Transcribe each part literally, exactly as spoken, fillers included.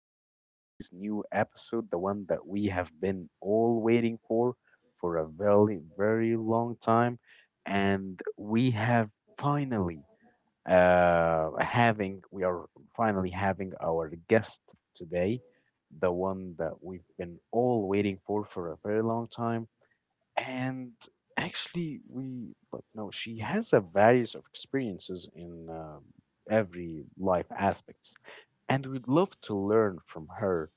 with today's new episode, the one that we have been all waiting for for a very, very long time. And we have finally uh, having, we are finally having our guest today, the one that we've been all waiting for for a very long time. And actually, we, like, you know, she has a various of experiences in uh, every life aspects and we'd love to learn from her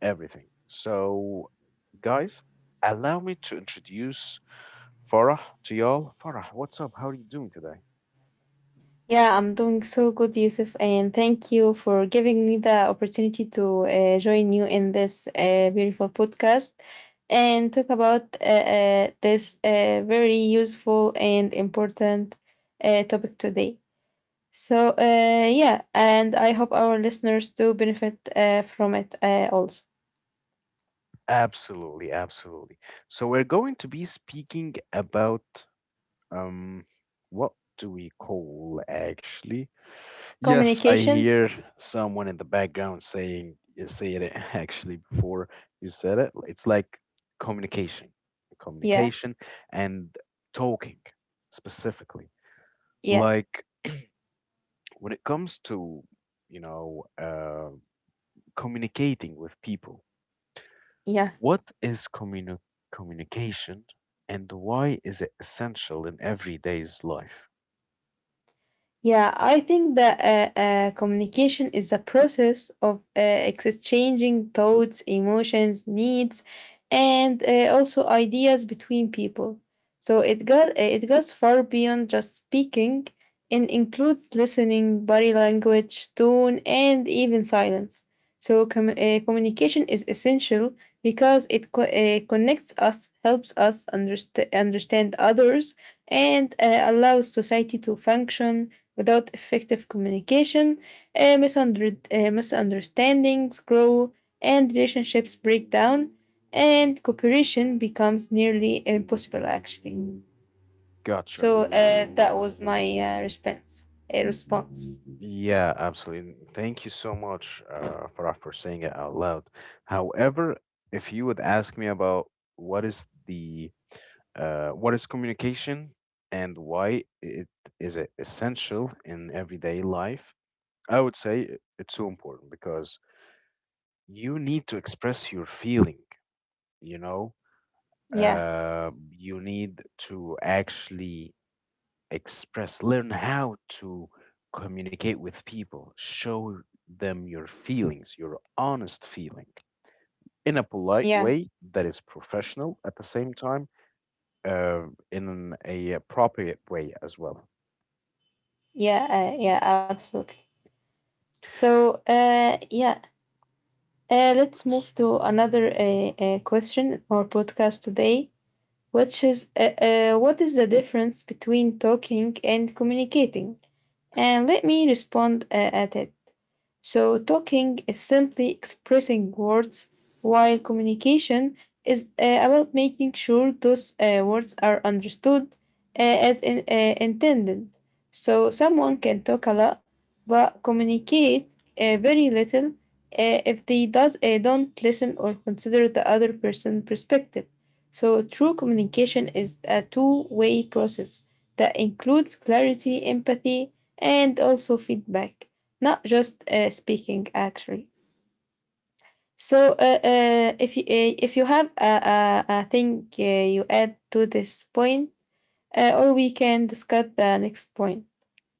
everything. So, guys, allow me to introduce Farah to y'all. Farah, what's up? How are you doing today? Yeah, I'm doing so good, Yusuf, and thank you for giving me the opportunity to uh, join you in this uh, beautiful podcast and talk about uh, uh, this uh, very useful and important uh, topic today. So, uh, yeah, and I hope our listeners do benefit uh, from it uh, also. Absolutely, absolutely. So we're going to be speaking about um what do we call actually? Yes, I Communications. hear someone in the background saying, you said it actually before you said it. It's like communication, Yeah, communication and talking specifically. yeah, Like when it comes to, you know, uh, communicating with people, yeah. what is communi- communication and why is it essential in everyday's life? Yeah, I think that uh, uh, communication is a process of uh, exchanging thoughts, emotions, needs, and uh, also ideas between people. So it got it goes far beyond just speaking and includes listening, body language, tone, and even silence. So com- uh, communication is essential because it co- uh, connects us, helps us underst- understand others, and uh, allows society to function. Without effective communication, uh, misunder- uh, misunderstandings grow and relationships break down, and cooperation becomes nearly impossible, actually. Gotcha. So uh, that was my uh, response. A response. Yeah, absolutely. Thank you so much, uh, Farah, for saying it out loud. However, if you would ask me about what is the uh, what is communication and why it is it essential in everyday life, I would say i- it's so important because you need to express your feeling, you know, Yeah, uh, you need to actually express, learn how to communicate with people, show them your feelings, your honest feeling in a polite yeah, way that is professional at the same time, uh, in a appropriate way as well. yeah, uh, yeah, absolutely. So, uh, yeah, uh, let's S- move to another uh, uh, question or podcast today, which is uh, uh, what is the difference between talking and communicating? And let me respond uh, at it. So, talking is simply expressing words, while communication is uh, about making sure those uh, words are understood uh, as in, uh, intended. So, someone can talk a lot but communicate uh, very little uh, if they does, uh, don't listen or consider the other person's perspective. So, true communication is a two way process that includes clarity, empathy, and also feedback, not just uh, speaking, actually. So uh, uh, if you uh, if you have a, a, a thing uh, you add to this point, uh, or we can discuss the next point.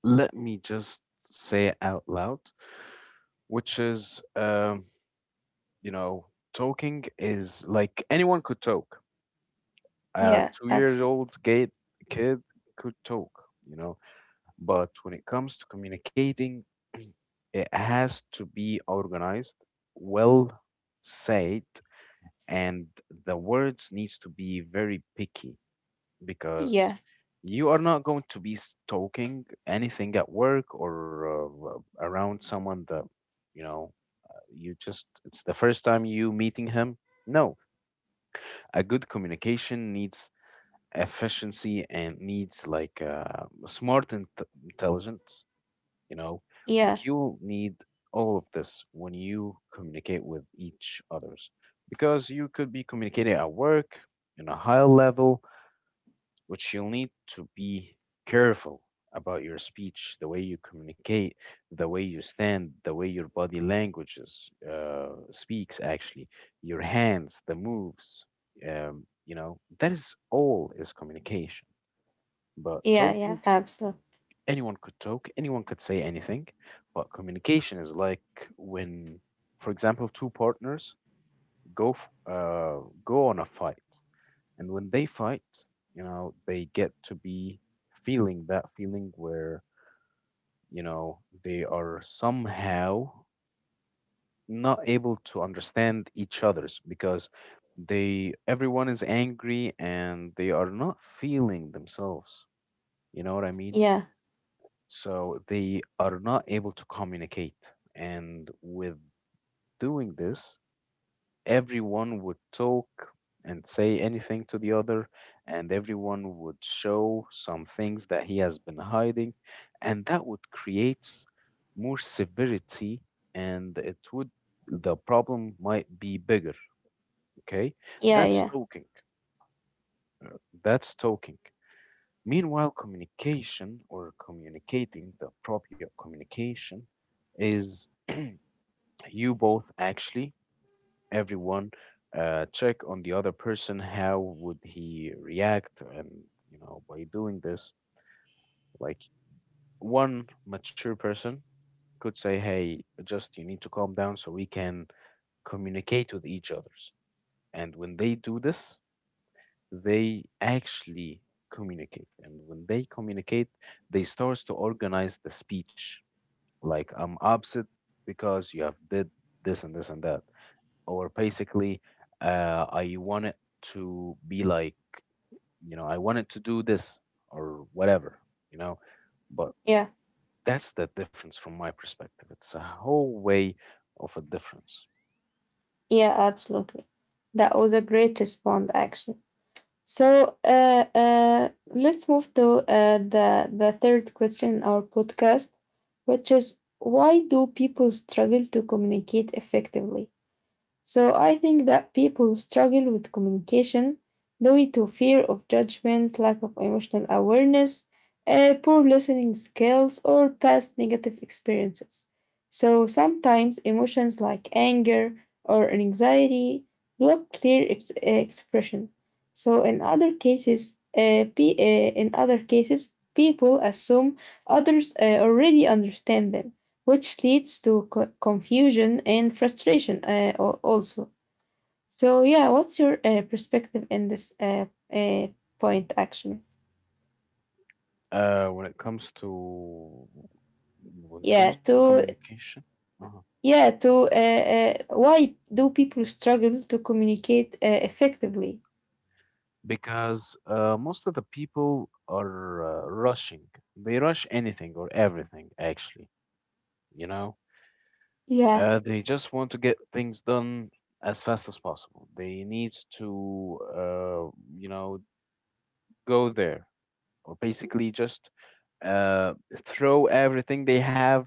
Let me just say it out loud, which is um, you know, talking is like anyone could talk. A Yeah, two year absolutely. old gay kid could talk, you know, but when it comes to communicating, it has to be organized, well said, and the words needs to be very picky because Yeah, you are not going to be s- talking anything at work or uh, around someone that you know uh, you just it's the first time you meeting him. No, a good communication needs efficiency and needs like uh, smart and intelligence, you know, yeah, like you need all of this when you communicate with each others because you could be communicating at work in a higher level, which you'll need to be careful about your speech, the way you communicate, the way you stand, the way your body languages uh, speaks, actually, your hands, the moves. Um, you know, that is all is communication. But yeah, yeah, talking, absolutely. anyone could talk, anyone could say anything. But communication is like when, for example, two partners go f- uh, go on a fight, and when they fight, you know, they get to be feeling that feeling where, you know, they are somehow not able to understand each other's because they everyone is angry and they are not feeling themselves. You know what I mean? Yeah, So they are not able to communicate. And with doing this, everyone would talk and say anything to the other, and everyone would show some things that he has been hiding, and that would create more severity, and it would the problem might be bigger, okay? yeah, That's yeah, talking, that's talking. Meanwhile communication or communicating, the proper communication is you both actually everyone uh, check on the other person how would he react. And you know, by doing this, like one mature person could say, hey, just you need to calm down so we can communicate with each others. And when they do this, they actually communicate. And when they communicate, they starts to organize the speech, like I'm upset because you have did this and this and that, or basically uh, I want it to be like, you know, I wanted to do this or whatever, you know. But yeah, that's the difference from my perspective. It's a whole way of a difference. yeah, absolutely. That was a great response, actually. So uh, uh, let's move to uh, the the third question in our podcast, which is why do people struggle to communicate effectively? So I think that people who struggle with communication due it to fear of judgment, lack of emotional awareness, uh, poor listening skills, or past negative experiences. So sometimes emotions like anger or anxiety block clear ex- eh, expression. So in other cases, uh, pe- uh, in other cases, people assume others uh, already understand them, which leads to co- confusion and frustration uh, al- also. So yeah, what's your uh, perspective in this uh, uh, point, actually? Uh, when it comes to when it comes Yeah, to to communication, uh yeah to uh, uh, why do people struggle to communicate uh, effectively? because uh, most of the people are uh, rushing. They rush anything or everything, actually, you know. Yeah, Uh, they just want to get things done as fast as possible. They need to, uh, you know, go there, or basically just uh, throw everything they have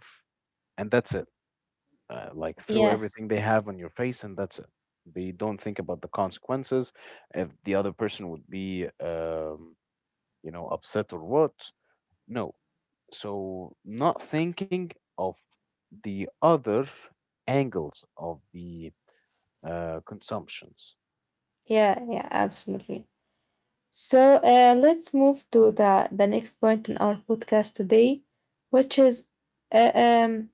and that's it. Uh, like throw yeah, everything they have on your face and that's it. They don't think about the consequences if the other person would be, um, you know, upset or what. No. So not thinking of the other angles of the uh, consumptions. yeah, yeah, absolutely. So uh, let's move to the the next point in our podcast today, which is uh, um,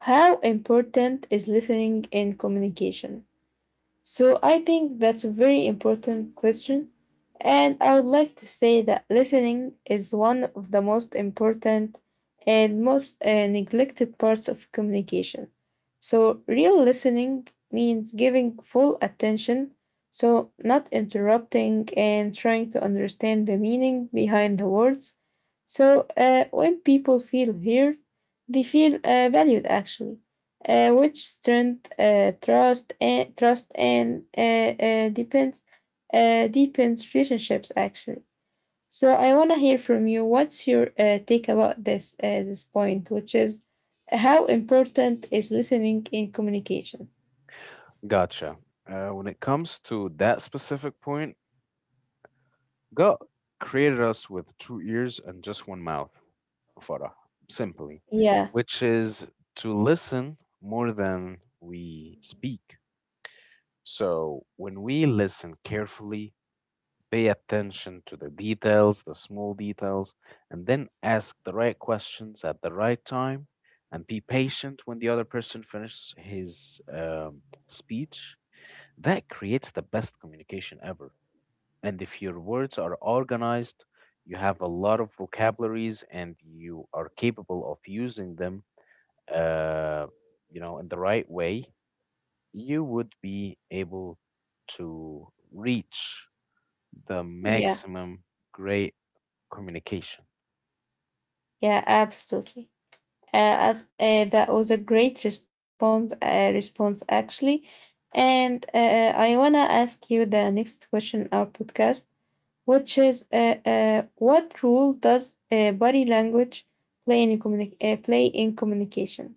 how important is listening in communication? So I think that's a very important question. And I would like to say that listening is one of the most important and most uh, neglected parts of communication. So real listening means giving full attention, so not interrupting and trying to understand the meaning behind the words. So uh, when people feel heard, they feel uh, valued, actually, uh, which strength uh, trust and trust and uh, uh, depends uh, deepens relationships, actually. So I want to hear from you. What's your uh, take about this uh, this point, which is how important is listening in communication? Gotcha. Uh, when it comes to that specific point, God created us with two ears and just one mouth, Farah, simply, Yeah, which is to listen more than we speak. So when we listen carefully, pay attention to the details, the small details, and then ask the right questions at the right time and be patient when the other person finishes his um, speech. That creates the best communication ever. And if your words are organized, you have a lot of vocabularies and you are capable of using them, uh, you know, in the right way, you would be able to reach the yeah, maximum great communication. yeah, absolutely. Uh, as- uh, that was a great response, uh, response, actually. And uh, I wanna ask you the next question in our podcast, which is, uh, uh, what role does uh, body language play in communi- uh, play in communication?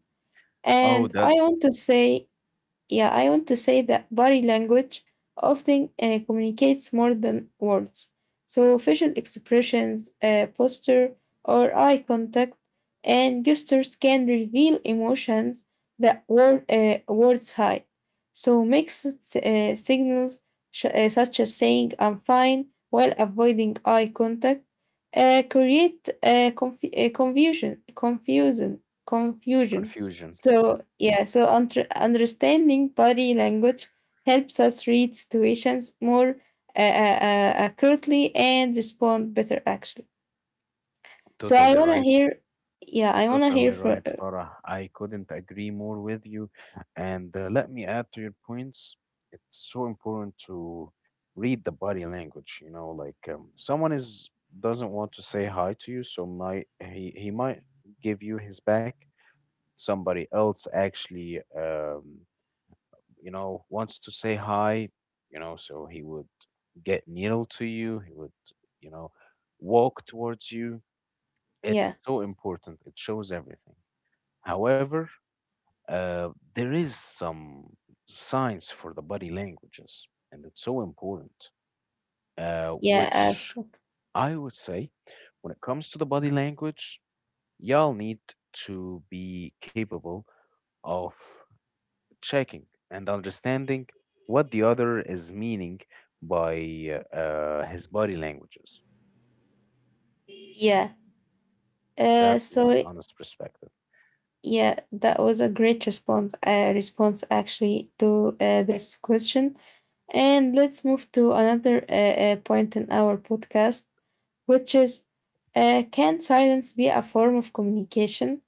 Oh, And that I want to say yeah, I want to say that body language often uh, communicates more than words. So, facial expressions, uh, posture, or eye contact, and gestures can reveal emotions that word, uh, words hide. So, mixed uh, signals, sh- uh, such as saying I'm fine while avoiding eye contact, uh, create uh, conf- uh, confusion, confusion, confusion confusion. Yeah, So, yeah, so untr- understanding body language helps us read situations more uh, uh, uh, accurately and respond better, actually. So, I totally want to right. hear, yeah, I want to hear Totally for right, Farah. I couldn't agree more with you. And uh, let me add to your points. It's so important to read the body language. You know, like um, someone is doesn't want to say hi to you, so might he he might give you his back. Somebody else actually, um, you know, wants to say hi. You know, so he would get needle to you. He would, you know, walk towards you. Yeah, It's so important. It shows everything. However, uh, there is some science for the body languages, and it's so important, uh, yeah, which actually, I would say when it comes to the body language, y'all need to be capable of checking and understanding what the other is meaning by uh, his body languages. yeah. Uh, That's my so, honest perspective. yeah, that was a great response, uh, response, actually, to uh, this question. And let's move to another uh, uh, point in our podcast, which is uh, can silence be a form of communication?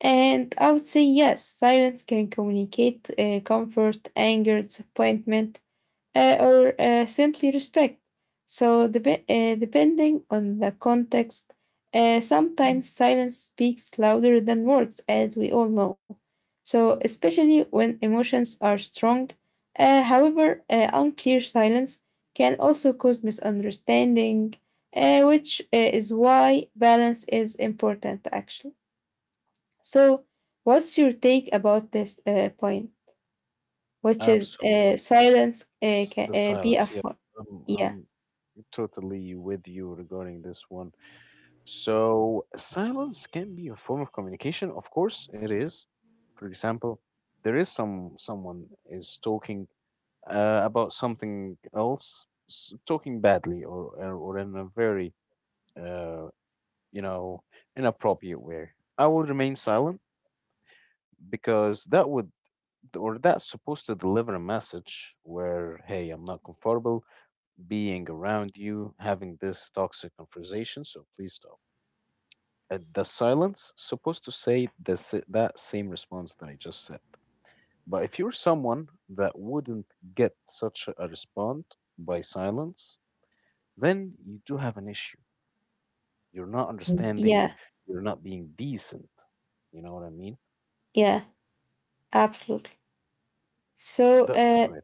And I would say yes, silence can communicate uh, comfort, anger, disappointment, uh, or uh, simply respect. So, dep- uh, depending on the context, uh, sometimes silence speaks louder than words, as we all know. So, especially when emotions are strong. Uh, however, uh, unclear silence can also cause misunderstanding, uh, which uh, is why balance is important, actually. So, what's your take about this uh, point, which is Absolutely. uh, silence uh, S- can The uh, be a silence. Yeah, form? I'm, Yeah, I'm totally with you regarding this one. So, silence can be a form of communication. Of course, it is. For example, there is some someone is talking uh, about something else, s- talking badly, or, or or in a very uh, you know, in appropriate way. I will remain silent because that would or that's supposed to deliver a message where, hey, I'm not comfortable being around you having this toxic conversation, so please stop. Uh, the silence supposed to say the, s- that same response that I just said. But if you're someone that wouldn't get such a response by silence, then you do have an issue. You're not understanding. yeah, You're not being decent. You know what I mean? yeah, absolutely. So, That's uh, right.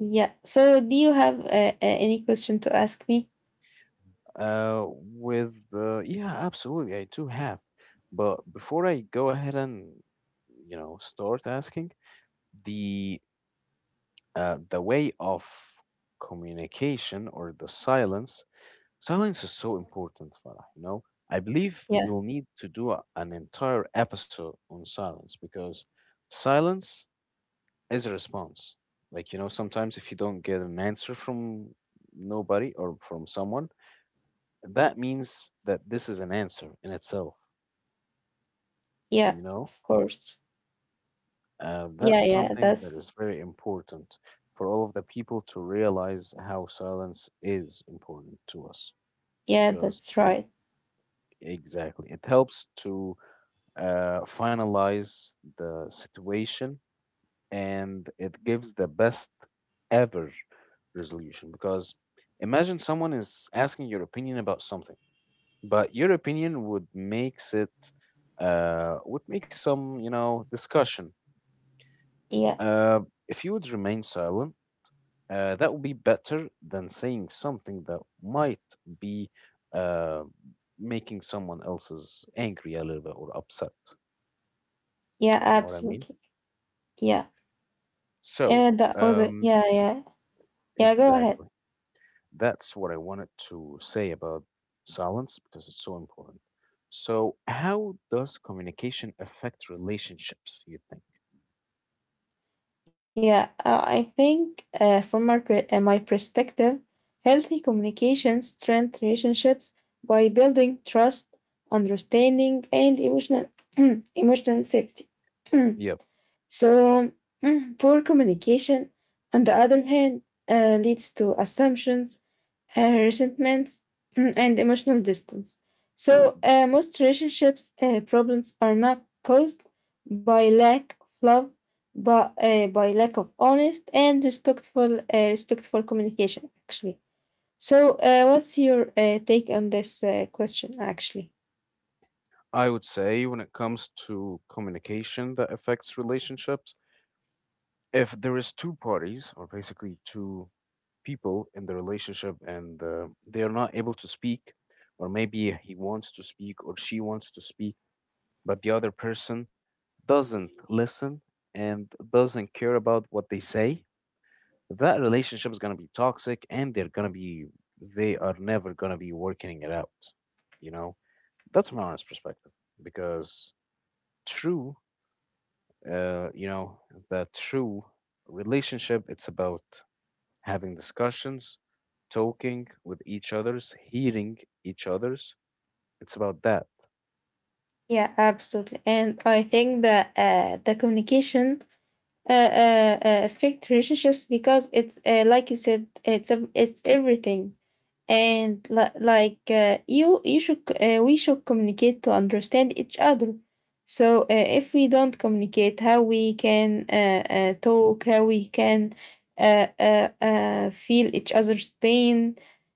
yeah. So, do you have uh, uh, any question to ask me? Uh, with uh, yeah, absolutely, I do have. But before I go ahead and you know start asking the uh, the way of communication or the silence, silence is so important, Farah. You know, I believe Yeah, we'll need to do a, an entire episode on silence because silence as a response. Like, you know, sometimes if you don't get an answer from nobody or from someone, that means that this is an answer in itself, yeah, you know? of course. Uh, Yeah, that's yeah, something that that's is very important for all of the people to realize how silence is important to us yeah, because that's right. exactly it helps to uh, finalize the situation and it gives the best ever resolution because imagine someone is asking your opinion about something, but your opinion would makes it uh, would make some you know discussion. Yeah, Uh, if you would remain silent, uh, that would be better than saying something that might be uh, making someone else's angry a little bit or upset, yeah, you know what I mean? absolutely. Yeah, So and that was it. um Yeah, yeah, yeah. Go ahead. exactly that's what I wanted to say about silence because it's so important. So, how does communication affect relationships, you think? Yeah, uh, I think uh, from my, per- uh, my perspective, healthy communication strengthens relationships by building trust, understanding, and emotional emotional safety. Yep. so, poor communication, on the other hand, uh, leads to assumptions, uh, resentment, mm, and emotional distance. So, uh, most relationships uh, problems are not caused by lack of love, but uh, by lack of honest and respectful uh, respectful communication, actually. So uh, what's your uh, take on this uh, question, actually? I would say when it comes to communication that affects relationships, if there is two parties or basically two people in the relationship and uh, they are not able to speak, or maybe he wants to speak or she wants to speak but the other person doesn't listen and doesn't care about what they say. That relationship is going to be toxic, and they're going to be they are never going to be working it out you know that's my honest perspective, because true uh you know the true relationship, it's about having discussions, talking with each other's, hearing each other's. It's about that. Yeah, absolutely, and I think that uh, the communication uh, uh, uh, affect relationships because it's uh, like you said, it's a, it's everything. And li- like uh, you you should c- uh, we should communicate to understand each other. So uh, if we don't communicate, how we can uh, uh, talk, how we can uh, uh, uh, feel each other's pain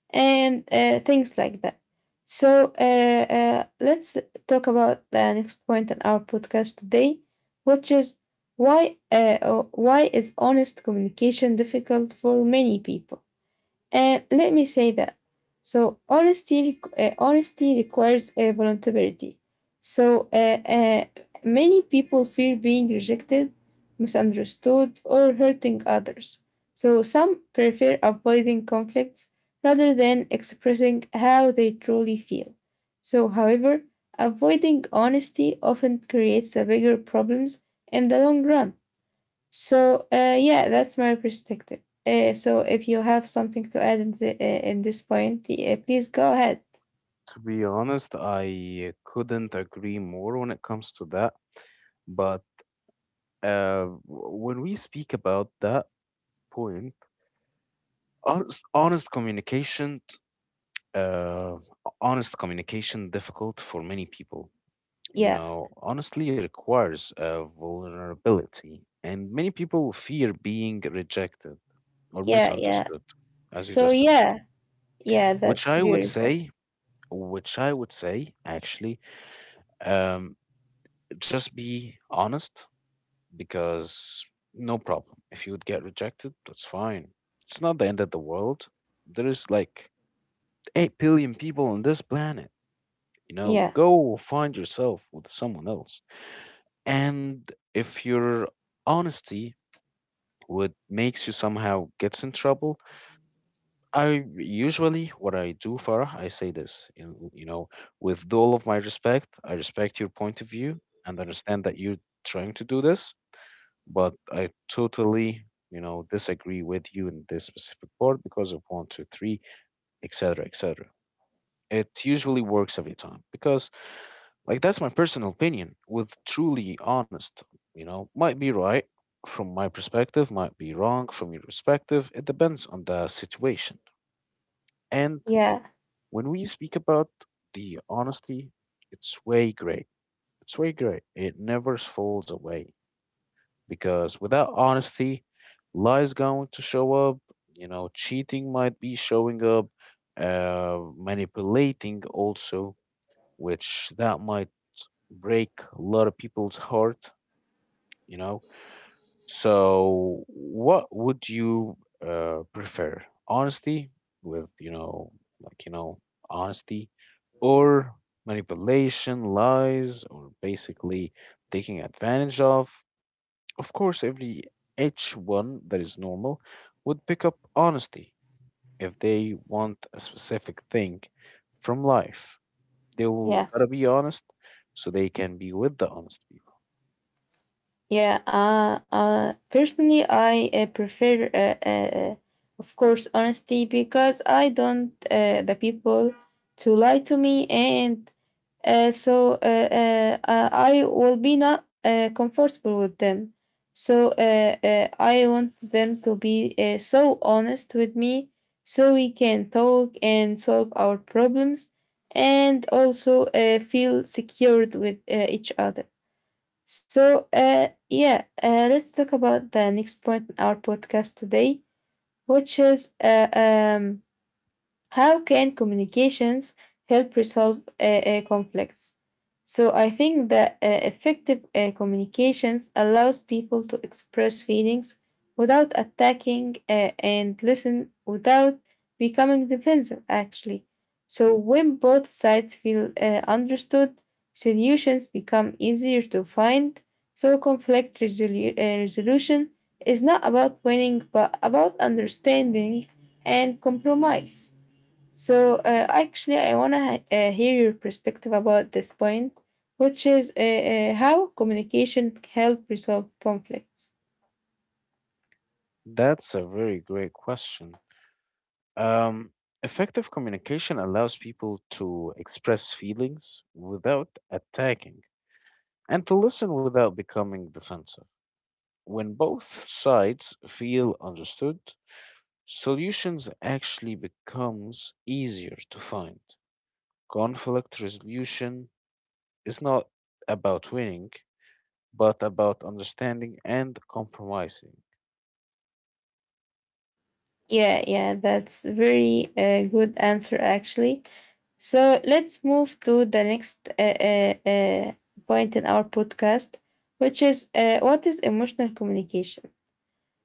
and uh, things like that. So uh, uh, let's talk about the next point in our podcast today, which is why uh, uh, why is honest communication difficult for many people? And let me say that. So honesty, uh, honesty requires uh, vulnerability. So uh, uh, many people fear being rejected, misunderstood, or hurting others. So some prefer avoiding conflicts rather than expressing how they truly feel. So, however, avoiding honesty often creates a bigger problems in the long run. So uh, yeah, that's my perspective. Uh, so if you have something to add in, the, uh, in this point, yeah, please go ahead. To be honest, I couldn't agree more when it comes to that. But uh, w- when we speak about that point, honest, honest communication uh, honest communication difficult for many people. You Yeah, know, honestly requires uh, vulnerability, and many people fear being rejected or yeah, yeah. misunderstood, as you So just said. yeah, yeah, which that's i would beautiful. say which i would say actually, um, just be honest, because no problem, if you would get rejected, that's fine. It's not the end of the world. There is like eight billion people on this planet. You know, Yeah, go find yourself with someone else. And if your honesty would makes you somehow gets in trouble, I usually, what I do, Farah, I say this: you you know with all of my respect, I respect your point of view and understand that you're trying to do this, but I totally, you know disagree with you in this specific part because of one two three, etc., etc. It usually works every time, because like that's my personal opinion with truly honest, you know, might be right from my perspective, might be wrong from your perspective. It depends on the situation. And yeah, when we speak about the honesty, it's way great. It's way great. It never falls away, because without honesty, lies going to show up, you know, cheating might be showing up, uh manipulating also, which that might break a lot of people's heart, you know. So, what would you uh, prefer? Honesty, with, you know, like, you know, honesty, or manipulation, lies, or basically taking advantage of? Of course, every H one that is normal would pick up honesty. If they want a specific thing from life, they'll yeah, gotta be honest so they can be with the honest people. yeah. Uh, uh, personally, I uh, prefer, uh, uh, uh, of course, honesty, because I don't uh, the people to lie to me. And uh, so uh, uh, uh, I will be not uh, comfortable with them. So uh, uh, I want them to be uh, so honest with me, so we can talk and solve our problems, and also uh, feel secured with uh, each other. So uh, yeah, uh, let's talk about the next point in our podcast today, which is uh, um how can communications help resolve uh, uh, conflicts? So I think that uh, effective uh, communications allows people to express feelings without attacking, uh, and listen without becoming defensive, actually. So when both sides feel uh, understood, solutions become easier to find. So conflict resolu- uh, resolution is not about winning but about understanding and compromise. So uh, actually, I wanna uh, hear your perspective about this point, which is uh, uh, how communication help resolve conflicts. That's a very great question. Um, Effective communication allows people to express feelings without attacking, and to listen without becoming defensive. When both sides feel understood, solutions actually becomes easier to find. Conflict resolution is not about winning, but about understanding and compromising. Yeah, yeah, that's very uh, good answer, actually. So let's move to the next uh, uh, uh, point in our podcast, which is uh, what is emotional communication.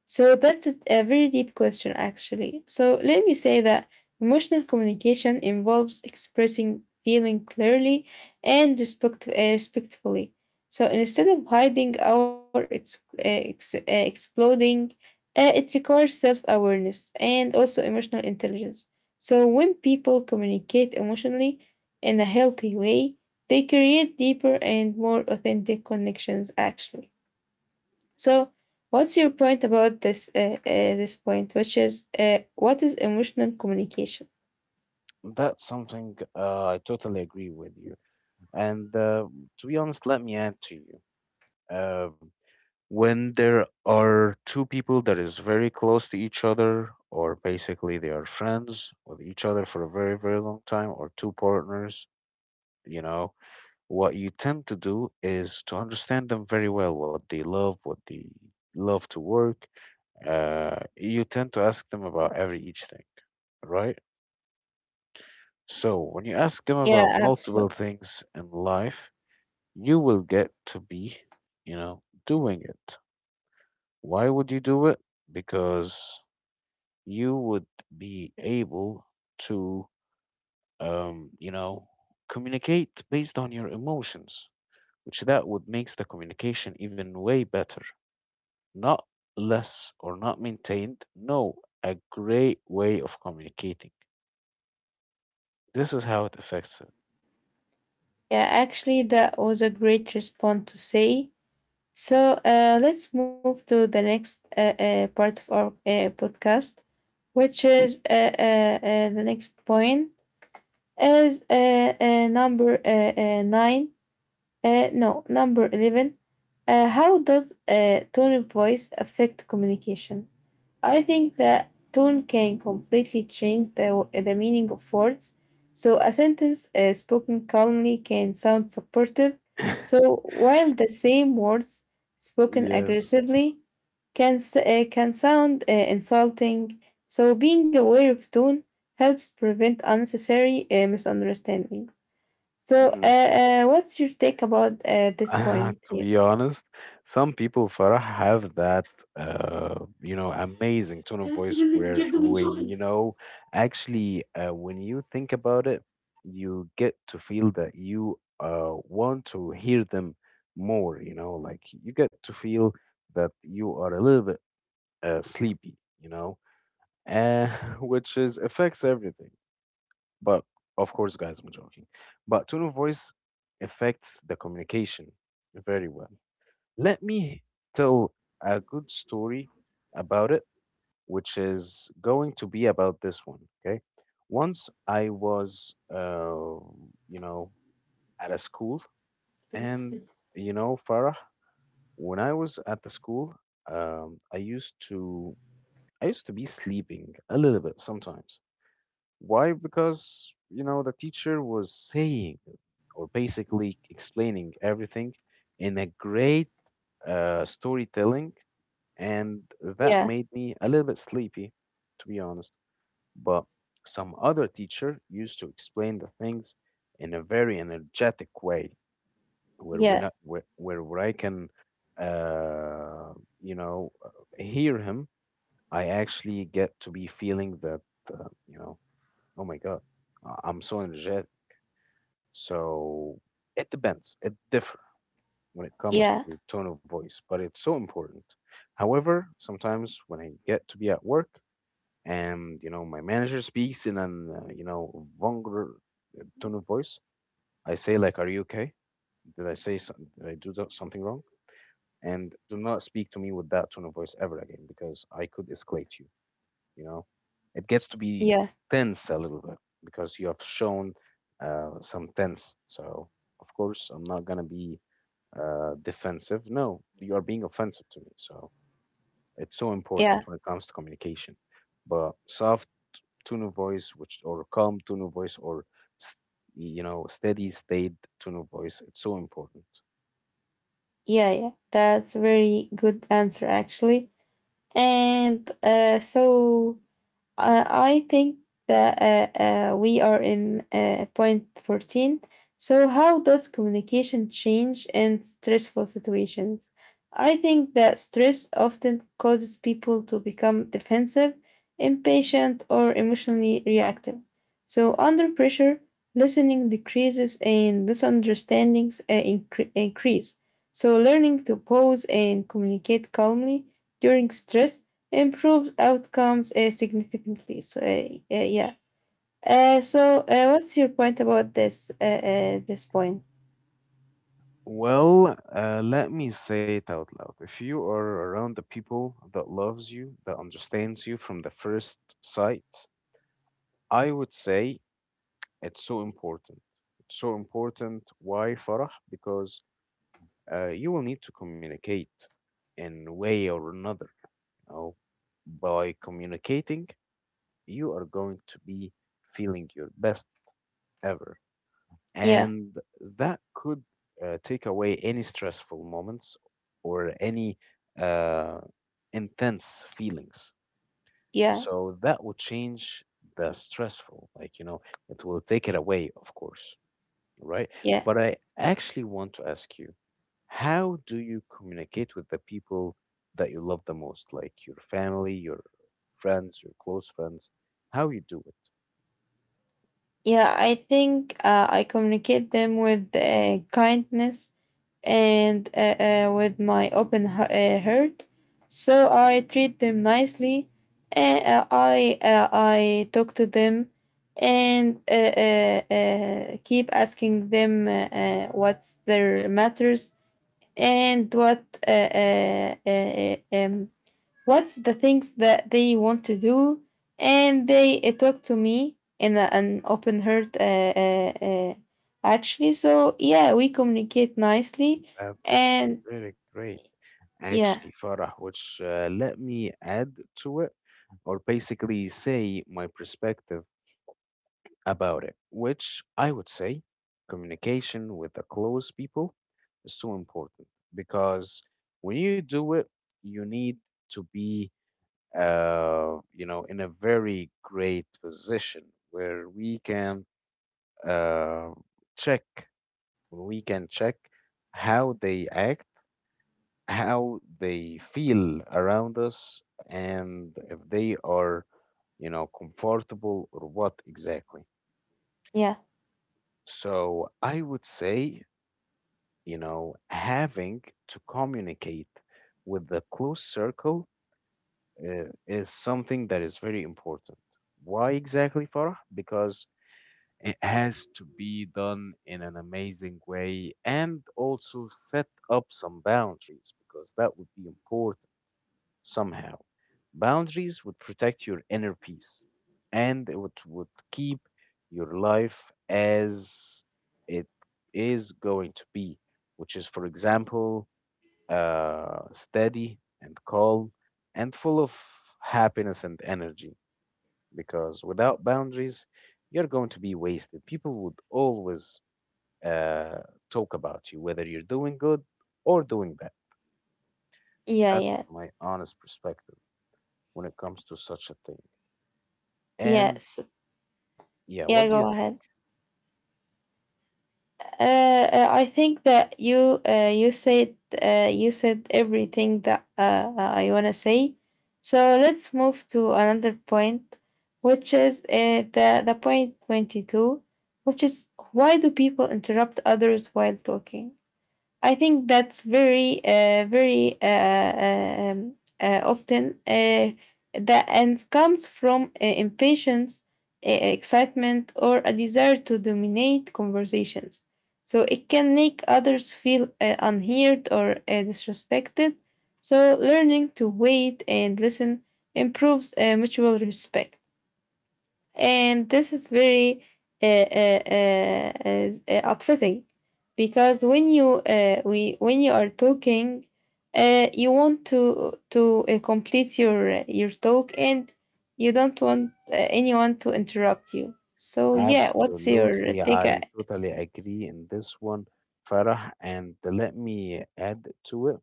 So that's a a very deep question, actually. So let me say that emotional communication involves expressing feeling clearly and respect, uh, respectfully. So instead of hiding or ex- uh, ex- uh, exploding, uh, it requires self awareness and also emotional intelligence. So when people communicate emotionally in a healthy way, they create deeper and more authentic connections, actually. So, what's your point about this uh, uh, this point, which is uh, what is emotional communication? That's something uh, I totally agree with you. And uh, to be honest, let me add to you. Uh, when there are two people that is very close to each other, or basically they are friends with each other for a very, very long time, or two partners, you know, what you tend to do is to understand them very well, what they love, what they love to work. Uh, you tend to ask them about every each thing, right? So, when you ask them Yeah, about multiple absolutely. things in life, you will get to be, you know, doing it. Why would you do it? Because you would be able to, um, you know, communicate based on your emotions, which that would makes the communication even way better, not less or not maintained. No, a great way of communicating. This is how it affects Yeah, actually, that was a great response to say. So, uh, let's move to the next uh, uh, part of our uh, podcast, which is uh, uh, uh, the next point is uh, uh, number uh, uh, nine. Uh, no, number eleven. Uh, how does uh, tone of voice affect communication? I think that tone can completely change the, the meaning of words. So, a sentence uh, spoken calmly can sound supportive. it. So, while the same words spoken Yes. aggressively can, s- uh, can sound uh, insulting. So, being aware of tone helps prevent unnecessary uh, misunderstandings. So, uh, Mhm. uh, what's your take about uh, this point To here? be honest, some people, Farah, have that uh, you know amazing tone of تعرف voice, تقول لي where, بجد من when شغل. you know, actually, uh, when you think about it, you get to feel that you uh, want to hear them more. You know, like, you get to feel that you are a little bit uh, sleepy. You know, uh, which is affects everything. But of course, guys, I'm joking. But tone of voice affects the communication very well. Let me tell a good story about it, which is going to be about this one. Okay. Once I was, uh, you know, at a school, and, you know, Farah, when I was at the school, um, I used to. I used to be sleeping a little bit sometimes. Why? Because, you know, the teacher was saying or basically explaining everything in a great uh, storytelling, and that Yeah, made me a little bit sleepy, to be honest. But some other teacher used to explain the things in a very energetic way, where we yeah, not where where, where I can, uh, you know, uh, hear him. I actually get to be feeling that, uh, you know, oh my God, I- I'm so energetic. So it depends. It differs when it comes yeah, to tone of voice, but it's so important. However, sometimes when I get to be at work, and you know my manager speaks in an uh, you know vulgar uh, tone of voice, I say like, are you okay? Did i say some- did I do tho- something wrong? And do not speak to me with that tone of voice ever again, because I could escalate you, you know. It gets to yeah, be tense a little bit, because you have shown uh, some tense. So, of course, I'm not gonna be uh, defensive. No, you are being offensive to me. So it's so yeah. important when it comes to communication. But soft tone of voice, which, or calm tone of voice, or s- you know, steady state tone of voice, it's so important. Yeah, yeah, that's a very good answer, actually. And uh, so uh, I think that uh, uh, we are in uh, point fourteen. So, how does communication change in stressful situations? I think that stress often causes people to become defensive, impatient, or emotionally reactive. So, under pressure, listening decreases and misunderstandings uh, incre- increase. So, learning to pause and communicate calmly during stress improves outcomes uh, significantly. So, uh, uh, yeah. Uh, so, uh, what's your point about this? Uh, uh, this point? Well, uh, let me say it out loud. If you are around the people that loves you, that understands you from the first sight, I would say it's so important. It's so important. Why, Farah? Because uh, you will need to communicate in a way or another. You know, by communicating, you are going to be feeling your best. Ever. Yeah, And that could uh, take away any stressful moments or any uh, intense feelings. yeah, So that would change the stressful, like, you know, it will take it away, of course, right? yeah, But I actually want to ask you, how do you communicate with the people that you love the most, like your family, your friends, your close friends? How you do it? yeah. I think uh, I communicate them with uh, kindness and uh, uh, with my open hea- uh, heart. So I treat them nicely, and uh, I uh, I talk to them, and uh, uh, uh, keep asking them uh, uh, what's their matters, and what uh, uh, uh, uh, um, what's the things that they want to do, and they uh, talk to me in a, an open heart, uh, uh, uh, actually. So yeah, we communicate nicely. That's And really great. yeah, Actually, Farah, which, uh, let me add to it, or basically say my perspective about it, which I would say communication with the close people is so important, because when you do it, you need to be, uh, you know, in a very great position where we can uh, check, when we can check how they act, how they feel around us, and if they are, you know, comfortable or what exactly. yeah, So I would say, you know, having to communicate with the close circle uh, is something that is very important. Why exactly, Farah? Because it has to be done in an amazing way, and also set up some boundaries, because that would be important somehow. Boundaries would protect your inner peace, and it would, would keep your life as it is going to be, which is, for example, uh, steady and calm and full of happiness and energy. Because without boundaries, you're going to be wasted. People would always uh, talk about you, whether you're doing good or doing bad. yeah, That's yeah, my honest perspective when it comes to such a thing. And yes, yeah, what yeah, do you go think? ahead. uh, uh, I think that you uh, you said uh, you said everything that uh, uh, I wanna say. So let's move to another point, which is uh, the the point twenty two, which is why do people interrupt others while talking? I think that's very, uh, very uh, uh, um, uh, often uh, the ends comes from uh, impatience, uh, excitement, or a desire to dominate conversations. So it can make others feel uh, unheard or uh, disrespected. So learning to wait and listen improves uh, mutual respect. And this is very uh, uh, uh, is- uh, upsetting because when you uh, we when you are talking, uh, you want to to uh, complete your your talk, and you don't want uh, anyone to interrupt you. So yeah, what's your Absolutely, take? uh, I totally agree in this one, Farah. And let me add to it.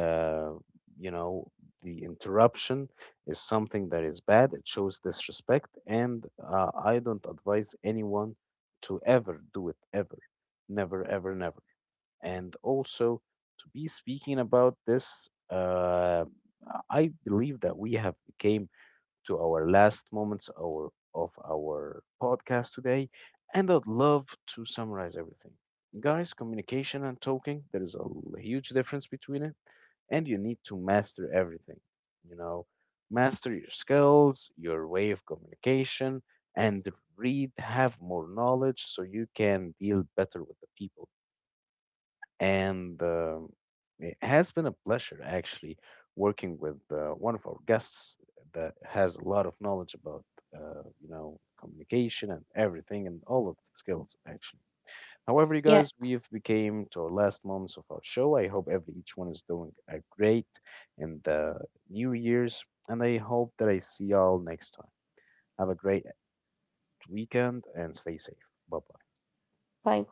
Uh, you know, the interruption is something that is bad. It shows disrespect, and uh, I don't advise anyone to ever do it, ever, never, ever, never. And also, to be speaking about this, uh, I believe that we have became to our last moments our, of our podcast today, and I'd love to summarize everything. Guys, communication and talking, there is a l- huge difference between it, and you need to master everything. You know, master your skills, your way of communication, and read, have more knowledge so you can deal better with the people. And um it has been a pleasure actually working with uh, one of our guests that has a lot of knowledge about uh, you know communication and everything and all of the skills actually. However, you Yeah, guys, we've became to our last moments of our show. I hope every each one is doing a great in the new year's, and I hope that I see y'all next time. Have a great weekend and stay safe. Bye bye. fine.